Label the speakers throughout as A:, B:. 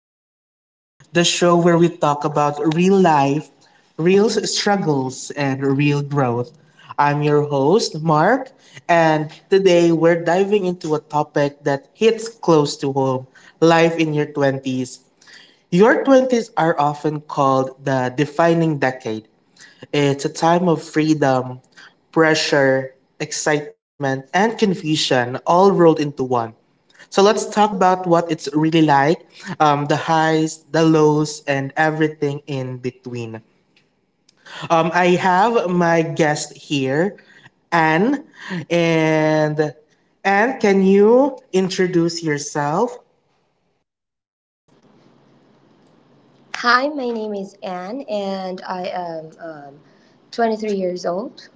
A: 20s, the show where we talk about real life, real struggles, and real growth. I'm your host, Mark, and today we're diving into a topic that hits close to home life in your 20s. Your 20s are often called the defining decade. It's a time of freedom, pressure, excitement, and confusion all rolled into one. So let's talk about what it's really like, the highs, the lows, and everything in between. I have my guest here, Anne, and Anne, can you introduce yourself?
B: Hi, my name is Anne, and I am 23 years old.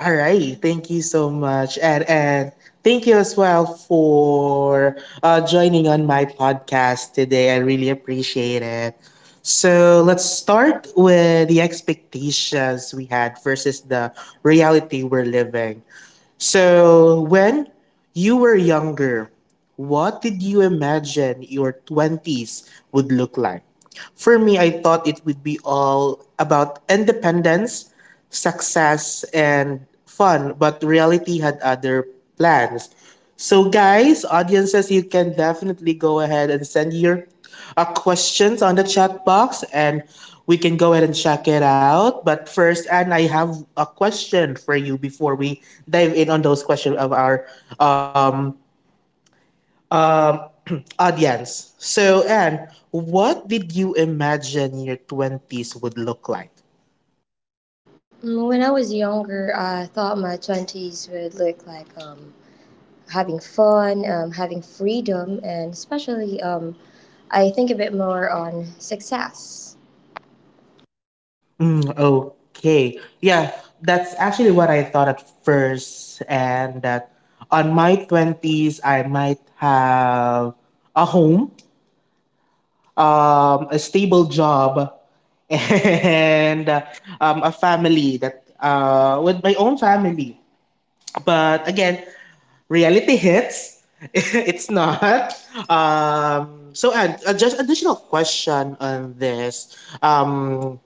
A: All right, thank you so much. And thank you as well for joining on my podcast today. I really appreciate it. So let's start with the expectations we had versus the reality we're living. So, when you were younger, what did you imagine your 20s would look like? For me, I thought it would be all about independence, success, and fun, but reality had other plans. So, guys, audiences, you can definitely go ahead and send your questions on the chat box and we can go ahead and check it out. But first, Anne, I have a question for you before we dive in on those questions of our um, um audience. So, Anne, what did you imagine your 20s would look like?
B: When I was younger, I thought my 20s would look like having fun, having freedom, and especially I think a bit more on success.
A: Mm, okay. Yeah, that's actually what I thought at first, and that on my 20s, I might have a home, a stable job, and a family that with my own family. But again, reality hits. It's not. So, and just additional question on this. Um,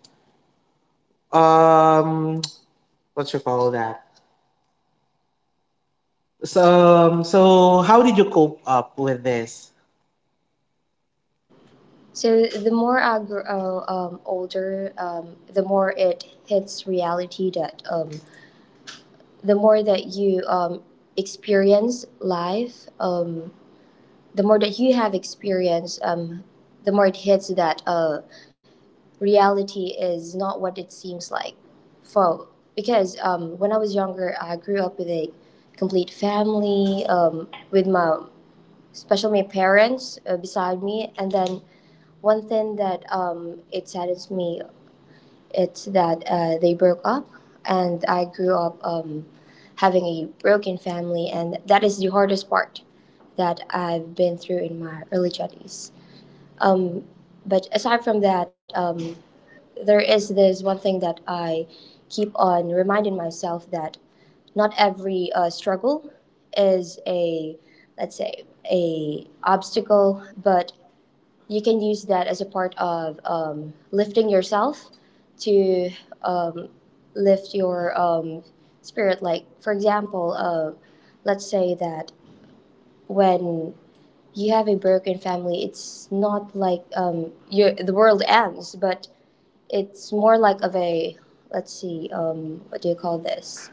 A: um, what you call that? So, how did you cope up with this?
B: So the more I grow older, the more it hits reality that the more that you experience life. The more that you have experience, the more it hits that reality is not what it seems like. For because when I was younger, I grew up with a complete family, with my especially my parents beside me, and then one thing that it saddens me it's that they broke up, and I grew up having a broken family, and that is the hardest part that I've been through in my early 20s. Um, but aside from that, there is this one thing that I keep on reminding myself that not every struggle is a, let's say, a obstacle, but you can use that as a part of lifting yourself to um, lift your spirit. Like, for example, let's say that when you have a broken family, it's not like your the world ends, but it's more like of a let's see, what do you call this?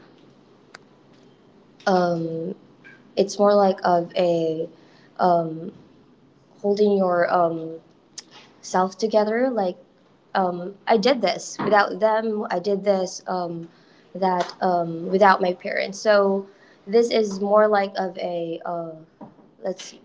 B: Um, it's more like of a um, holding your self together. Like I did this without them. I did this that without my parents. So this is more like of a let's. See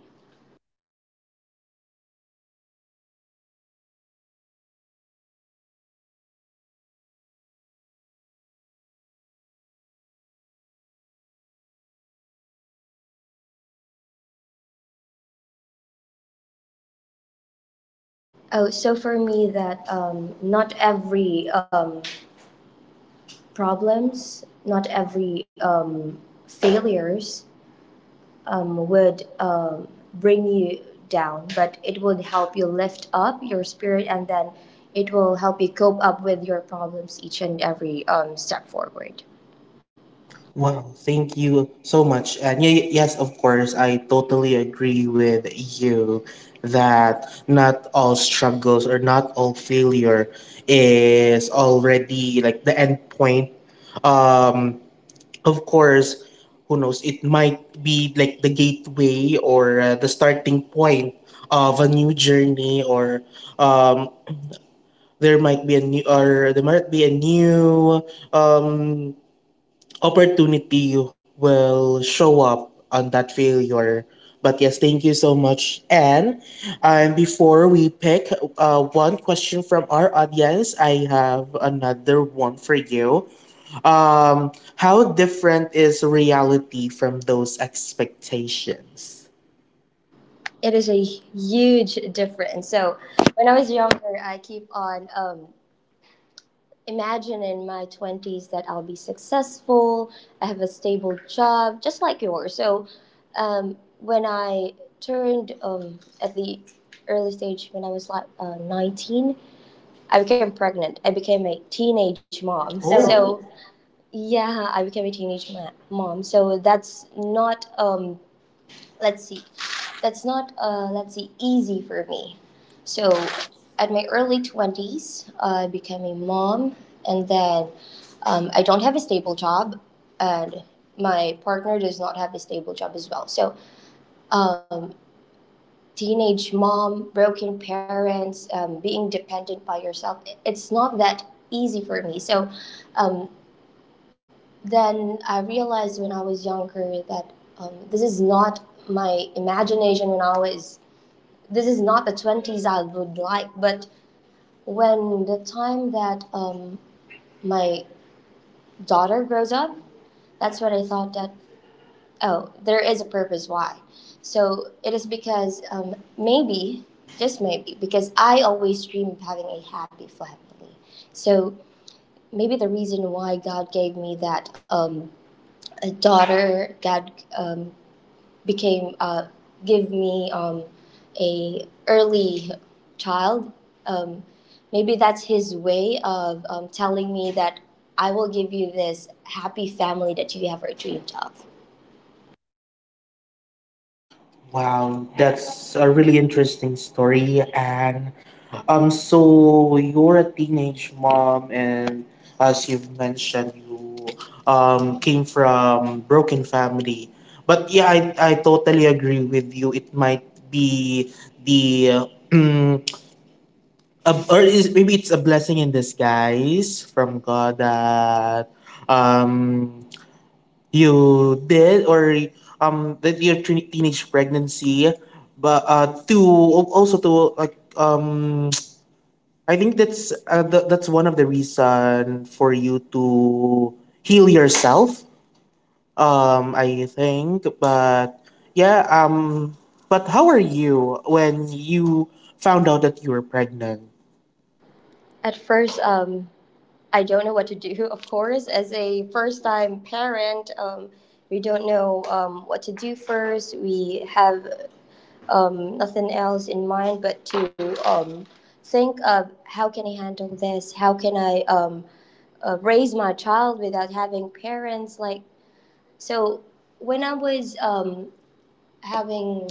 B: Oh, so for me, that not every problems, not every failures would bring you down, but it would help you lift up your spirit and then it will help you cope up with your problems each and every step forward.
A: Wow, thank you so much. Yes, of course, I totally agree with you that not all struggles or not all failure is already like the end point. Um, of course, who knows, it might be like the gateway or the starting point of a new journey or um, there might be a new or there might be a new um opportunity will show up on that failure. But yes, thank you so much. And before we pick one question from our audience, I have another one for you. How different is reality from those expectations?
B: It is a huge difference. So when I was younger, I keep on imagine in my 20s that I'll be successful, I have a stable job, just like yours. So when I turned at the early stage, when I was like 19, I became pregnant. I became a teenage mom. So yeah, I became a teenage mom. So that's not, let's see, that's not let's say easy for me. So at my early 20s, I became a mom, and then I don't have a stable job, and my partner does not have a stable job as well. So um, teenage mom, broken parents, being dependent by yourself, it's not that easy for me. So um, then I realized when I was younger that this is not my imagination when I was this is not the 20s I would like, but when the time that my daughter grows up, that's when I thought that, oh, there is a purpose why. So it is because maybe, just maybe, because I always dream of having a happy family. So maybe the reason why God gave me that a daughter, God um, became give me a early child. Um, Maybe that's his way of telling me that I will give you this happy family that you ever dreamed of.
A: Wow, that's a really interesting story. And So you're a teenage mom, and as you've mentioned, you came from broken family. But yeah, I totally agree with you. It might be the a- or is maybe it's a blessing in disguise from God that um you did, or that your teenage pregnancy, but to also to like I think that's that's one of the reason for you to heal yourself. I think but yeah But how are you when you found out that you were pregnant?
B: At first, I don't know what to do. Of course, as a first-time parent, we don't know what to do first. We have nothing else in mind but to think of how can I handle this? How can I raise my child without having parents? Like so, when I was having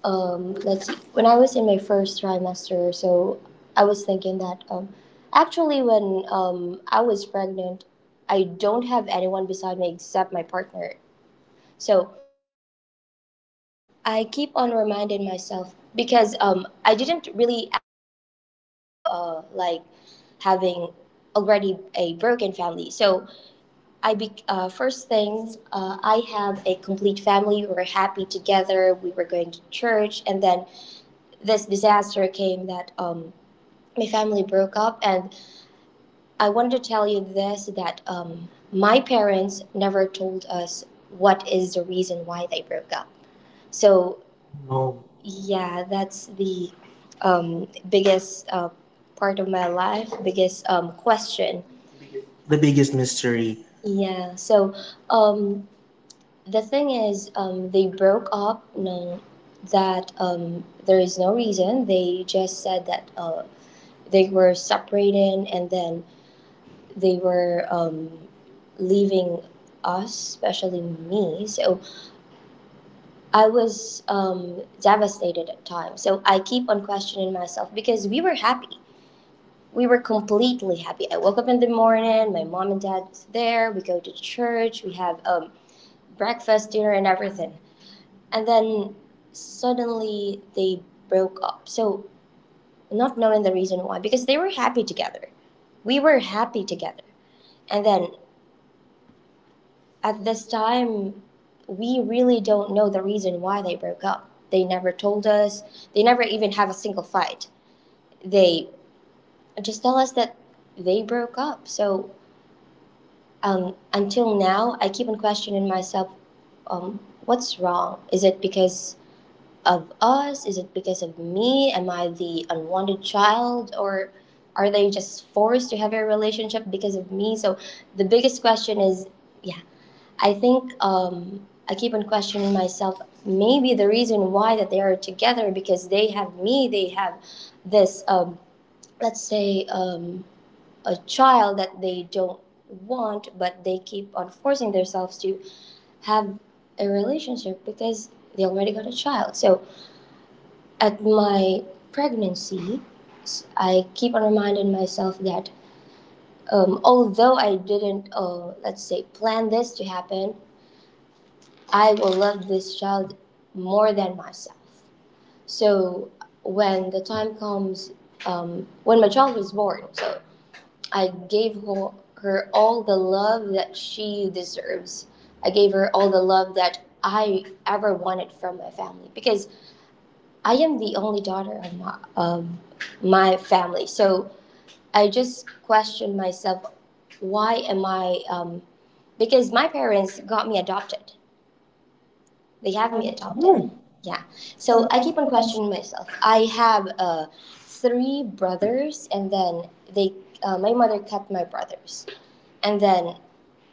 B: let's see, when I was in my first trimester, so I was thinking that actually when I was pregnant, I don't have anyone beside me except my partner. So I keep on reminding myself because I didn't really actually grow up like having already a broken family. So I be first things I have a complete family. We were happy together. We were going to church, and then this disaster came that my family broke up. And I wanted to tell you this that my parents never told us what is the reason why they broke up. So
A: No.
B: yeah, that's the biggest part of my life, biggest question.
A: The biggest mystery.
B: Yeah, so um, the thing is, they broke up. No, that there is no reason. They just said that they were separated, and then they were leaving us, especially me. So I was devastated at times. So I keep on questioning myself because we were completely happy. I woke up in the morning, my mom and dad was there, we go to church, we have breakfast, dinner, and everything. And then suddenly they broke up. So, not knowing the reason why, because they were happy together. We were happy together. And then at this time, we really don't know the reason why they broke up. They never told us, they never even have a single fight. They just tell us that they broke up. So, until now, I keep on questioning myself um, what's wrong? Is it because of us? Is it because of me? Am I the unwanted child? Or are they just forced to have a relationship because of me? So the biggest question is yeah, I think I keep on questioning myself. Maybe the reason why that they are together because they have me, they have this, let's say, a child that they don't want, but they keep on forcing themselves to have a relationship because they already got a child. So at my pregnancy, I keep on reminding myself that although I didn't, let's say, plan this to happen, I will love this child more than myself. So when the time comes, when my child was born, so I gave her, her all the love that she deserves. I gave her all the love that I ever wanted from my family because I am the only daughter of my family. So I just questioned myself why am I, because my parents got me adopted. They have me adopted. Yeah. So I keep on questioning myself. I have three brothers, and then they, my mother cut my brothers, and then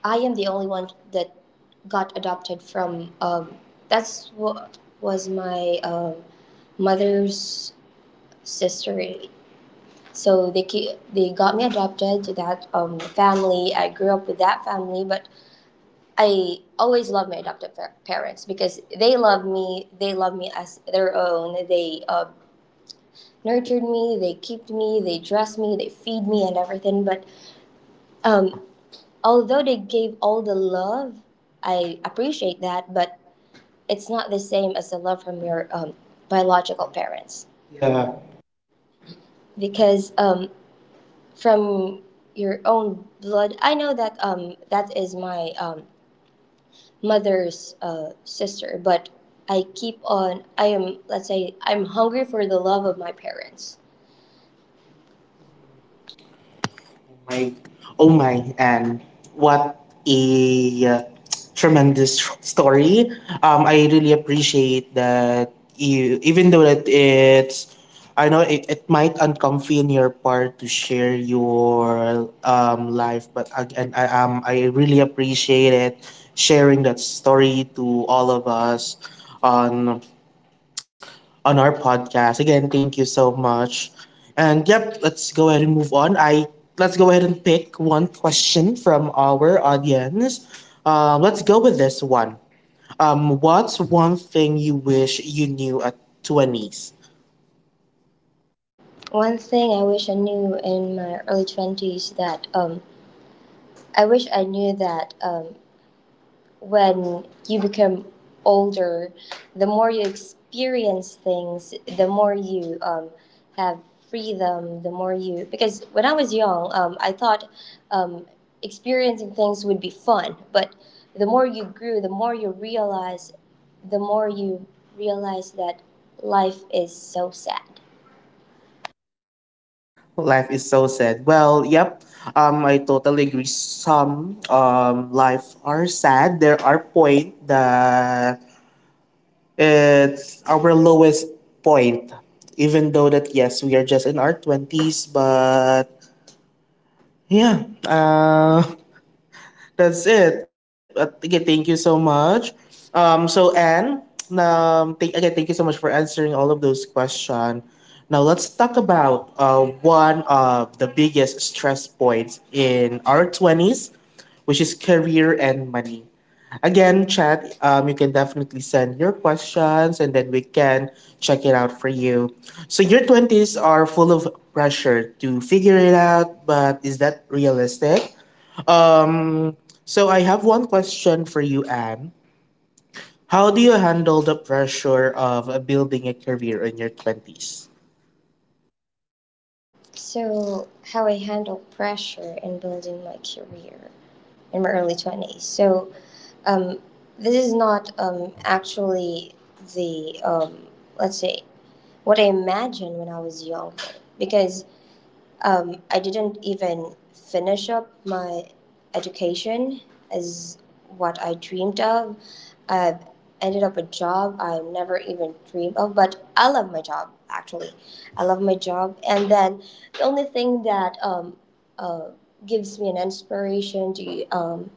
B: I am the only one that got adopted from. That's what was my mother's sister. So they got me adopted to that family. I grew up with that family, but I always love my adopted parents because they love me. They love me as their own. They nurtured me. They kept me. They dressed me. They feed me and everything. But um, although they gave all the love, I appreciate that, but it's not the same as the love from your biological parents
A: Yeah.
B: because from your own blood I know that that is my mother's sister but I keep on I am let's say I'm hungry for the love of my parents.
A: My, oh my, and what a uh, tremendous story. I really appreciate that you, even though that it's, I know it, it might uncomfy in your part to share your life, but again, I really appreciate it sharing that story to all of us on on our podcast. Again, thank you so much. And yep, let's go ahead and move on. I Let's go ahead and pick one question from our audience. Let's go with this one. What's one thing you wish you knew at twenties?
B: One thing I wish I knew in my early 20s that I wish I knew that when you become older, the more you experience things, the more you have freedom, the more you. Because when I was young, I thought um, experiencing things would be fun, but the more you grew, the more you realize that life is so sad.
A: Life is so sad. Well, yep. I totally agree. Some life are sad. There are point that it's our lowest point, even though that yes, we are just in our twenties, but yeah, that's it. But again, thank you so much. So Anne, thank you so much for answering all of those questions. Now let's talk about one of the biggest stress points in our twenties, which is career and money. Again, chat, you can definitely send your questions and then we can check it out for you. So, your 20s are full of pressure to figure it out, but is that realistic? Um, I have one question for you, Anne. How do you handle the pressure of building a career in your 20s?
B: So, how I handle pressure in building my career in my early 20s. So, um, this is not actually the, um, let's say, what I imagined when I was younger. Because I didn't even finish up my education as what I dreamed of. I ended up a job I never even dreamed of, but I love my job actually. I love my job, and then the only thing that uh, gives me an inspiration to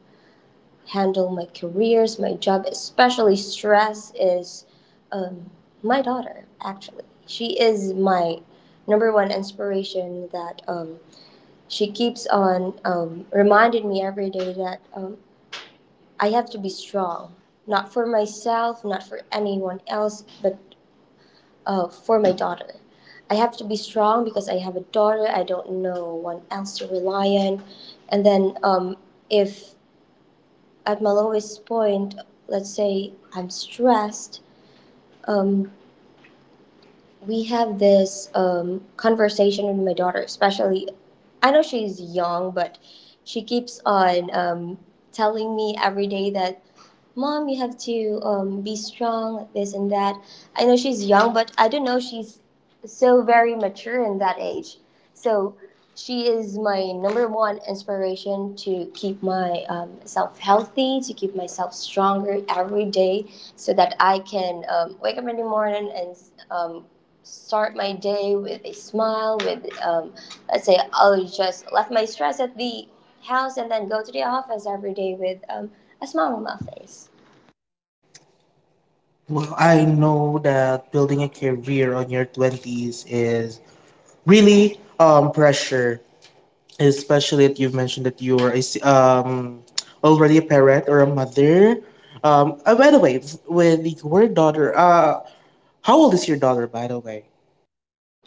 B: handle my careers, my job, especially stress, is um, my daughter. Actually, she is my number one inspiration that she keeps on reminding me every day that I have to be strong, not for myself, not for anyone else, but for my daughter. I have to be strong because I have a daughter. I don't know one else to rely on. And then, if at my lowest point, let's say I'm stressed, um, we have this conversation with my daughter, especially. I know she's young, but she keeps on telling me every day that mom, you have to be strong, this and that. I know she's young, but I don't know, she's so very mature in that age. So she is my number one inspiration to keep my self healthy, to keep myself stronger every day, so that I can wake up in the morning and um, start my day with a smile, with let's say I'll just left my stress at the house and then go to the office every day with a smile on my face.
A: Well, I know that building a career on your 20s is really pressure, especially that you've mentioned that you are already a parent or a mother. By the way, with the word daughter, how old is your daughter, by the way?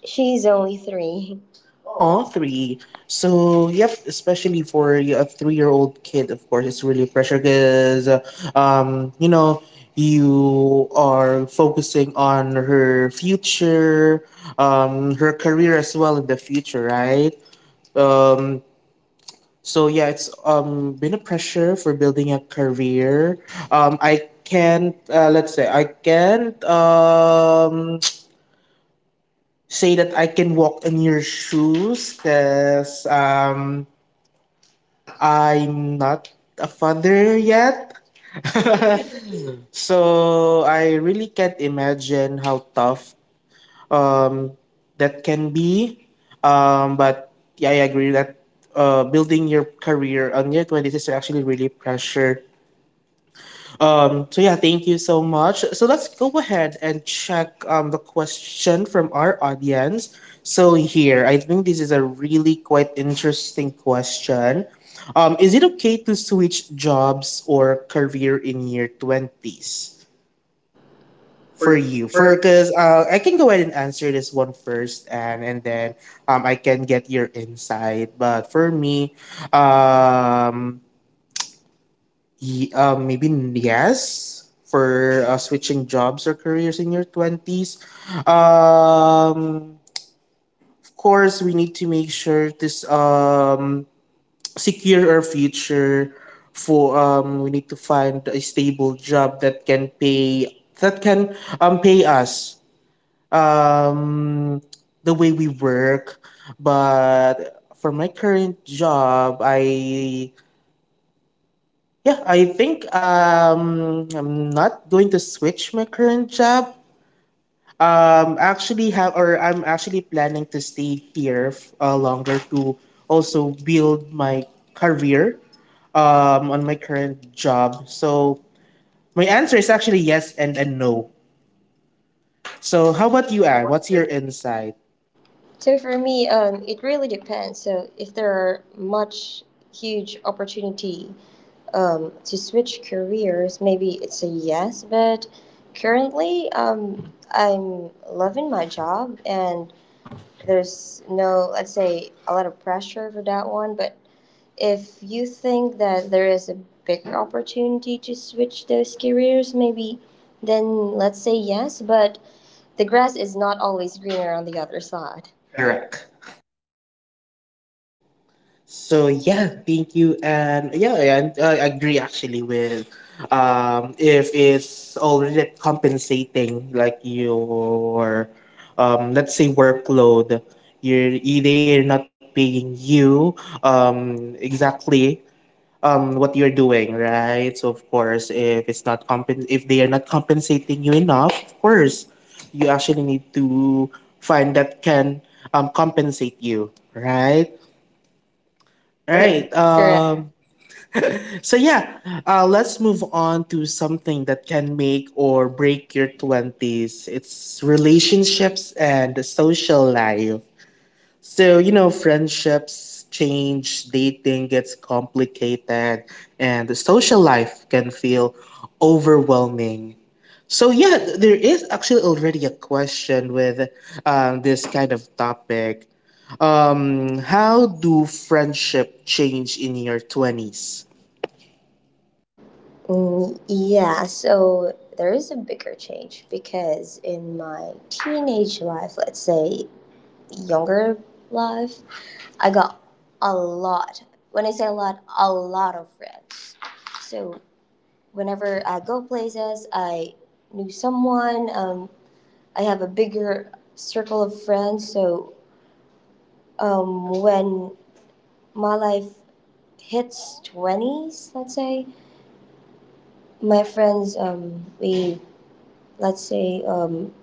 B: She's only three.
A: Oh, three. So, yep, especially for a three-year-old kid, of course, it's really pressure because, you know, you are focusing on her future, her career as well in the future, right? Um, So yeah, it's been a pressure for building a career. I can't let's say I can't say that I can walk in your shoes because I'm not a father yet. So I really can't imagine how tough um that can be. But yeah, I agree that building your career on your 20s is actually really pressure. So yeah, thank you so much. So let's go ahead and check the question from our audience. So here, I think this is a really quite interesting question. Is it okay to switch jobs or career in your twenties for you? For, because I can go ahead and answer this one first, and then I can get your insight. But for me, um, yes for switching jobs or careers in your 20s. um of course we need to make sure this secure our future, for we need to find a stable job that can pay, that can pay us um the way we work. But for my current job, I yeah, I think I'm not going to switch my current job. Actually have or I'm actually planning to stay here longer to also build my career on my current job. So my answer is actually yes and no. So how about you, Anne? What's your insight?
B: So for me, it really depends. So if there are much huge opportunity to switch careers, maybe it's a yes. But currently, I'm loving my job, and there's no, let's say, a lot of pressure for that one. But if you think that there is a bigger opportunity to switch those careers, maybe then let's say yes, but the grass is not always greener on the other side.
A: Correct. So yeah, thank you, and yeah, and I agree actually with if it's already compensating like your let's say workload, you're they are not paying you exactly what you're doing right. So of course, if it's not compen if they are not compensating you enough, of course, you actually need to find that can compensate you right. All
B: Yeah,
A: right.
B: that's correct.
A: So yeah, let's move on to something that can make or break your twenties. It's relationships and social life. So you know, friendships change, dating gets complicated, and the social life can feel overwhelming. So yeah, there is actually already a question with this kind of topic. How do friendship change in your twenties?
B: Mm, yeah, so there is a bigger change because in my teenage life, let's say younger life, I got a lot. When I say a lot of friends. So whenever I go places, I knew someone. I have a bigger circle of friends. So when my life hits twenties, let's say, my friends, we let's say, um,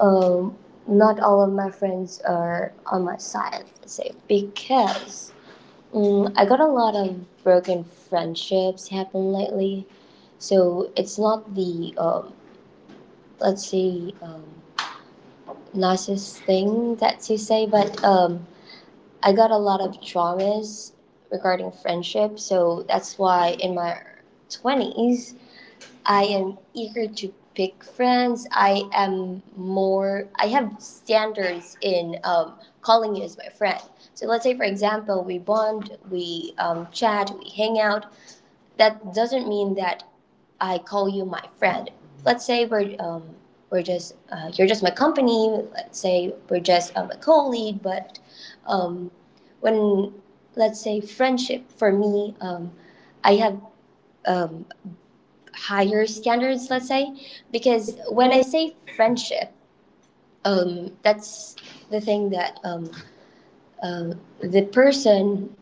B: um, not all of my friends are on my side. Let's say because. Mm, I got a lot of broken friendships happen lately, so it's not the let's say nicest thing that to say, but I got a lot of traumas regarding friendship, so that's why in my 20s, I am eager to pick friends. I am more, I have standards in calling you as my friend. So let's say, for example, we bond, we chat, we hang out. That doesn't mean that I call you my friend. Let's say we're just you're just my company. Let's say we're just a co-lead, but um, when let's say friendship for me, I have um, higher standards. Let's say because when I say friendship, that's the thing that uh, the person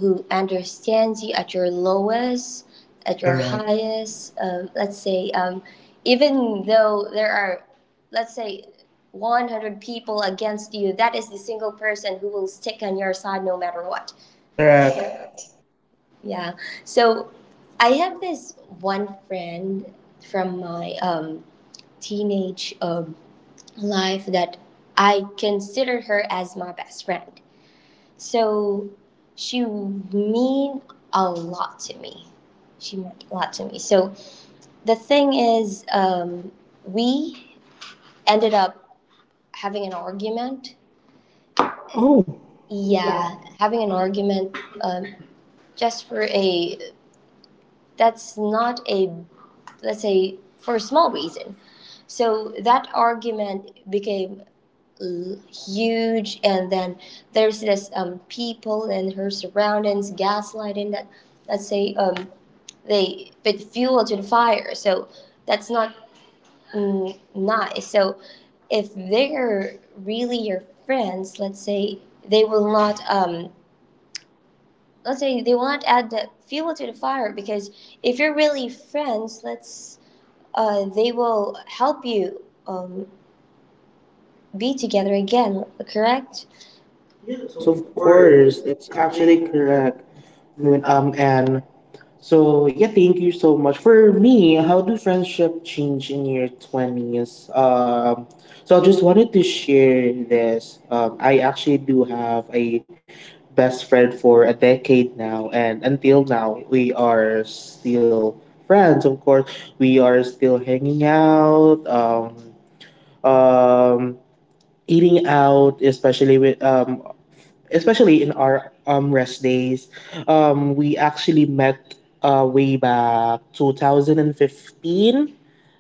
B: who understands you at your lowest, at your
A: Correct.
B: highest. Let's say, even though there are, let's say, 100 people against you, that is the single person who will stick on your side no matter what. Yeah.
A: Correct.
B: Yeah. So I have this one friend from my teenage life that I considered her as my best friend. So she mean a lot to me. She meant a lot to me. So the thing is, we ended up having an argument.
A: Oh
B: Yeah, having an argument just for a that's not a let's say for a small reason. So that argument became huge, and then there's this people and her surroundings gaslighting that let's say they put fuel to the fire. So that's not, mm, nice. So if they're really your friends, let's say they will not let's say they will not add the fuel to the fire, because if you're really friends, let's they will help you be together again, correct.
A: yes, of course. It's actually correct. When, and So yeah, thank you so much. For me, how do friendship change in your twenties? So I just wanted to share this. I actually do have a best friend for a decade now, and until now, we are still friends. Of course, we are still hanging out. Um, eating out, especially with especially in our rest days, we actually met way back 2015.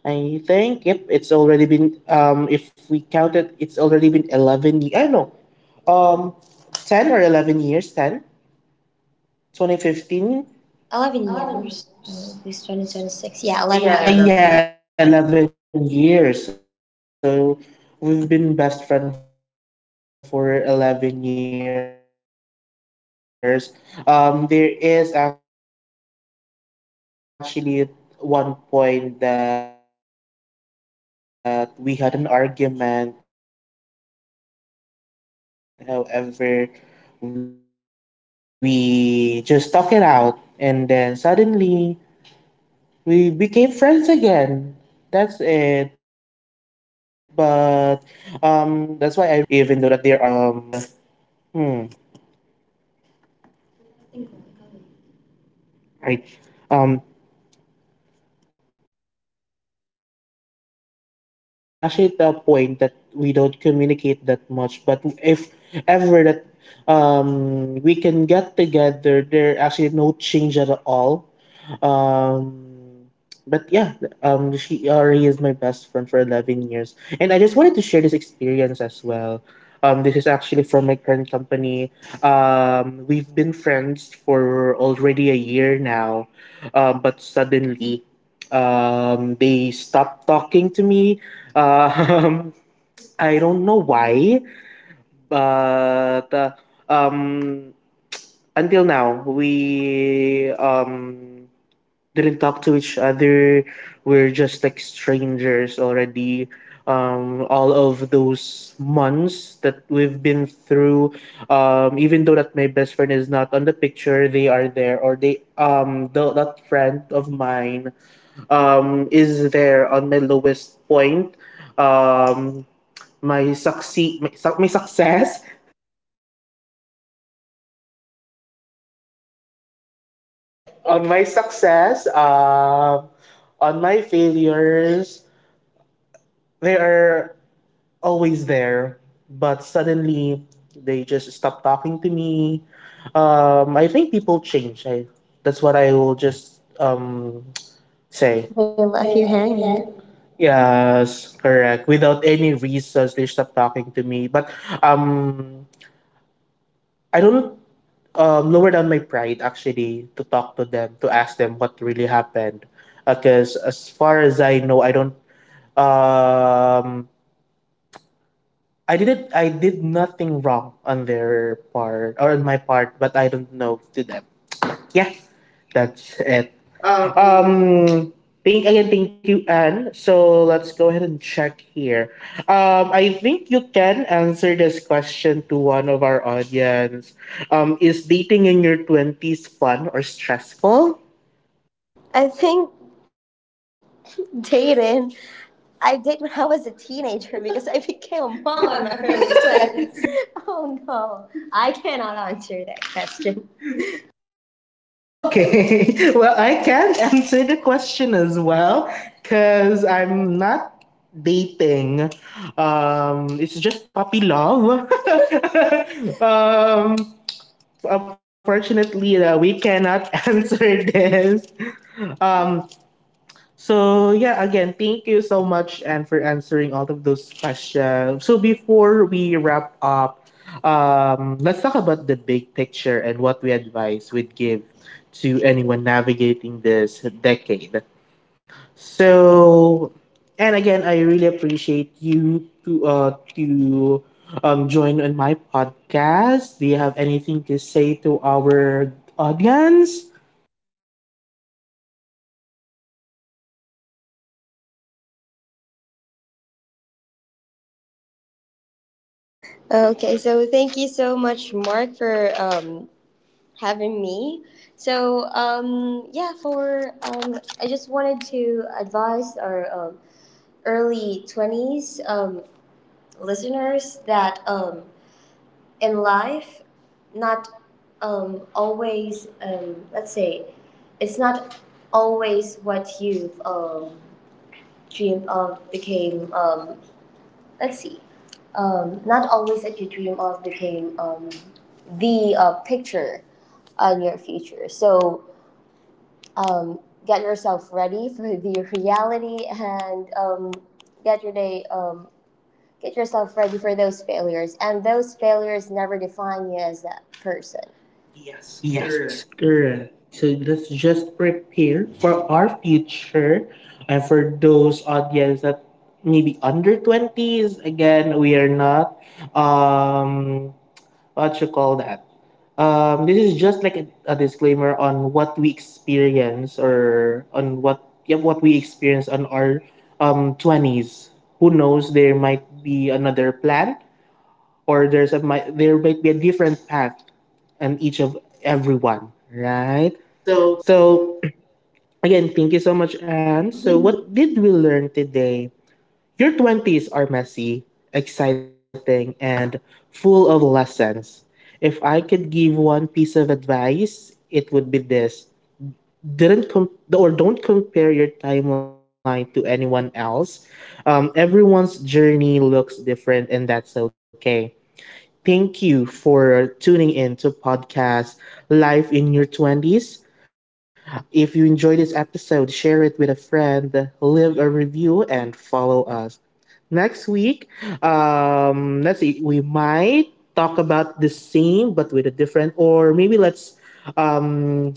A: I think yep, it's already been if we counted, it's already been 11. I don't know, um, 10 or 11 years. 10, 2015.
B: 11 years. So at least 2026. Yeah, 11 years.
A: Yeah, 11 years. So we've been best friend for 11 years. There is actually one point that we had an argument. However, we just talked it out and then suddenly we became friends again. That's it. But that's why I really appreciate him for being there, even though that there are times that we don't um, communicate that much. And hmm, right. Yep, they are actually at a point that we don't communicate that much. But if ever that we can get together, there actually no change at all. Um, but yeah, she already is my best friend for 11 years, and I just wanted to share this experience as well. This is actually from my current company. We've been friends for already a year now, but suddenly they stopped talking to me. Um, I don't know why, but um, until now, we didn't talk to each other. We're just like strangers already. All of those months that we've been through, even though that my best friend is not on the picture, they are there, or that friend of mine is there on my lowest point. Um, my success, on my success, on my failures, they are always there. But suddenly, they just stop talking to me. I think people change. That's what I will just say.
B: They left you hanging.
A: Yes, correct. Without any reasons, they stop talking to me. But um, I don't lower down my pride actually to talk to them to ask them what really happened, because as far as I know, um I did nothing wrong on their part or on my part, but I don't know to them. Yeah, that's it. um thank you Anne. So let's go ahead and check here. I think you can answer this question to one of our audience. Is dating in your 20s fun or stressful?
B: I think dating. I did when I was a teenager because I became a mom in my early 20s. Oh no, I cannot answer that question.
A: Okay. Well, I can't answer the question as well because I'm not dating. It's just puppy love. um, Unfortunately, we cannot answer this. Um, so yeah, again, thank you so much and for answering all of those questions. So before we wrap up, let's talk about the big picture and what we advise we'd give to anyone navigating this decade. So, and again, I really appreciate you to join on my podcast. Do you have anything to say to our audience?
B: Okay, so thank you so much, Mark, for having me. So yeah, for I just wanted to advise our early 20s listeners that in life not always let's say it's not always what you've dreamed of became let's see not always that you dream of became the picture on your future. So um, get yourself ready for the reality and get your day um, get yourself ready for those failures, and those failures never define you as that person.
A: Yes, correct. So let's just prepare for our future. And for those audience that maybe under 20s, again, we are not, um, what you call that? This is just like a disclaimer on what we experience or on what, yeah, what we experience on our 20s. Who knows, there might be another plan or there might be a different path on each of everyone, right? So again, thank you so much, Anne. So what did we learn today? Your twenties are messy, exciting, and full of lessons. If I could give one piece of advice, it would be this: didn't com- or don't compare your timeline to anyone else. Everyone's journey looks different, and that's okay. Thank you for tuning in to podcast Life in Your 20s. If you enjoyed this episode, share it with a friend, leave a review, and follow us. Next week, let's see, we might talk about the same but with a different, or maybe let's um,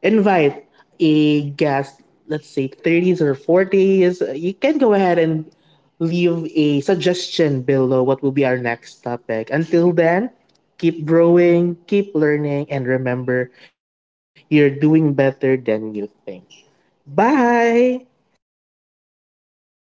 A: invite a guest, let's say 30s or 40s, you can go ahead and leave a suggestion below what will be our next topic. Until then, keep growing, keep learning, and remember, you're doing better than you think. Bye!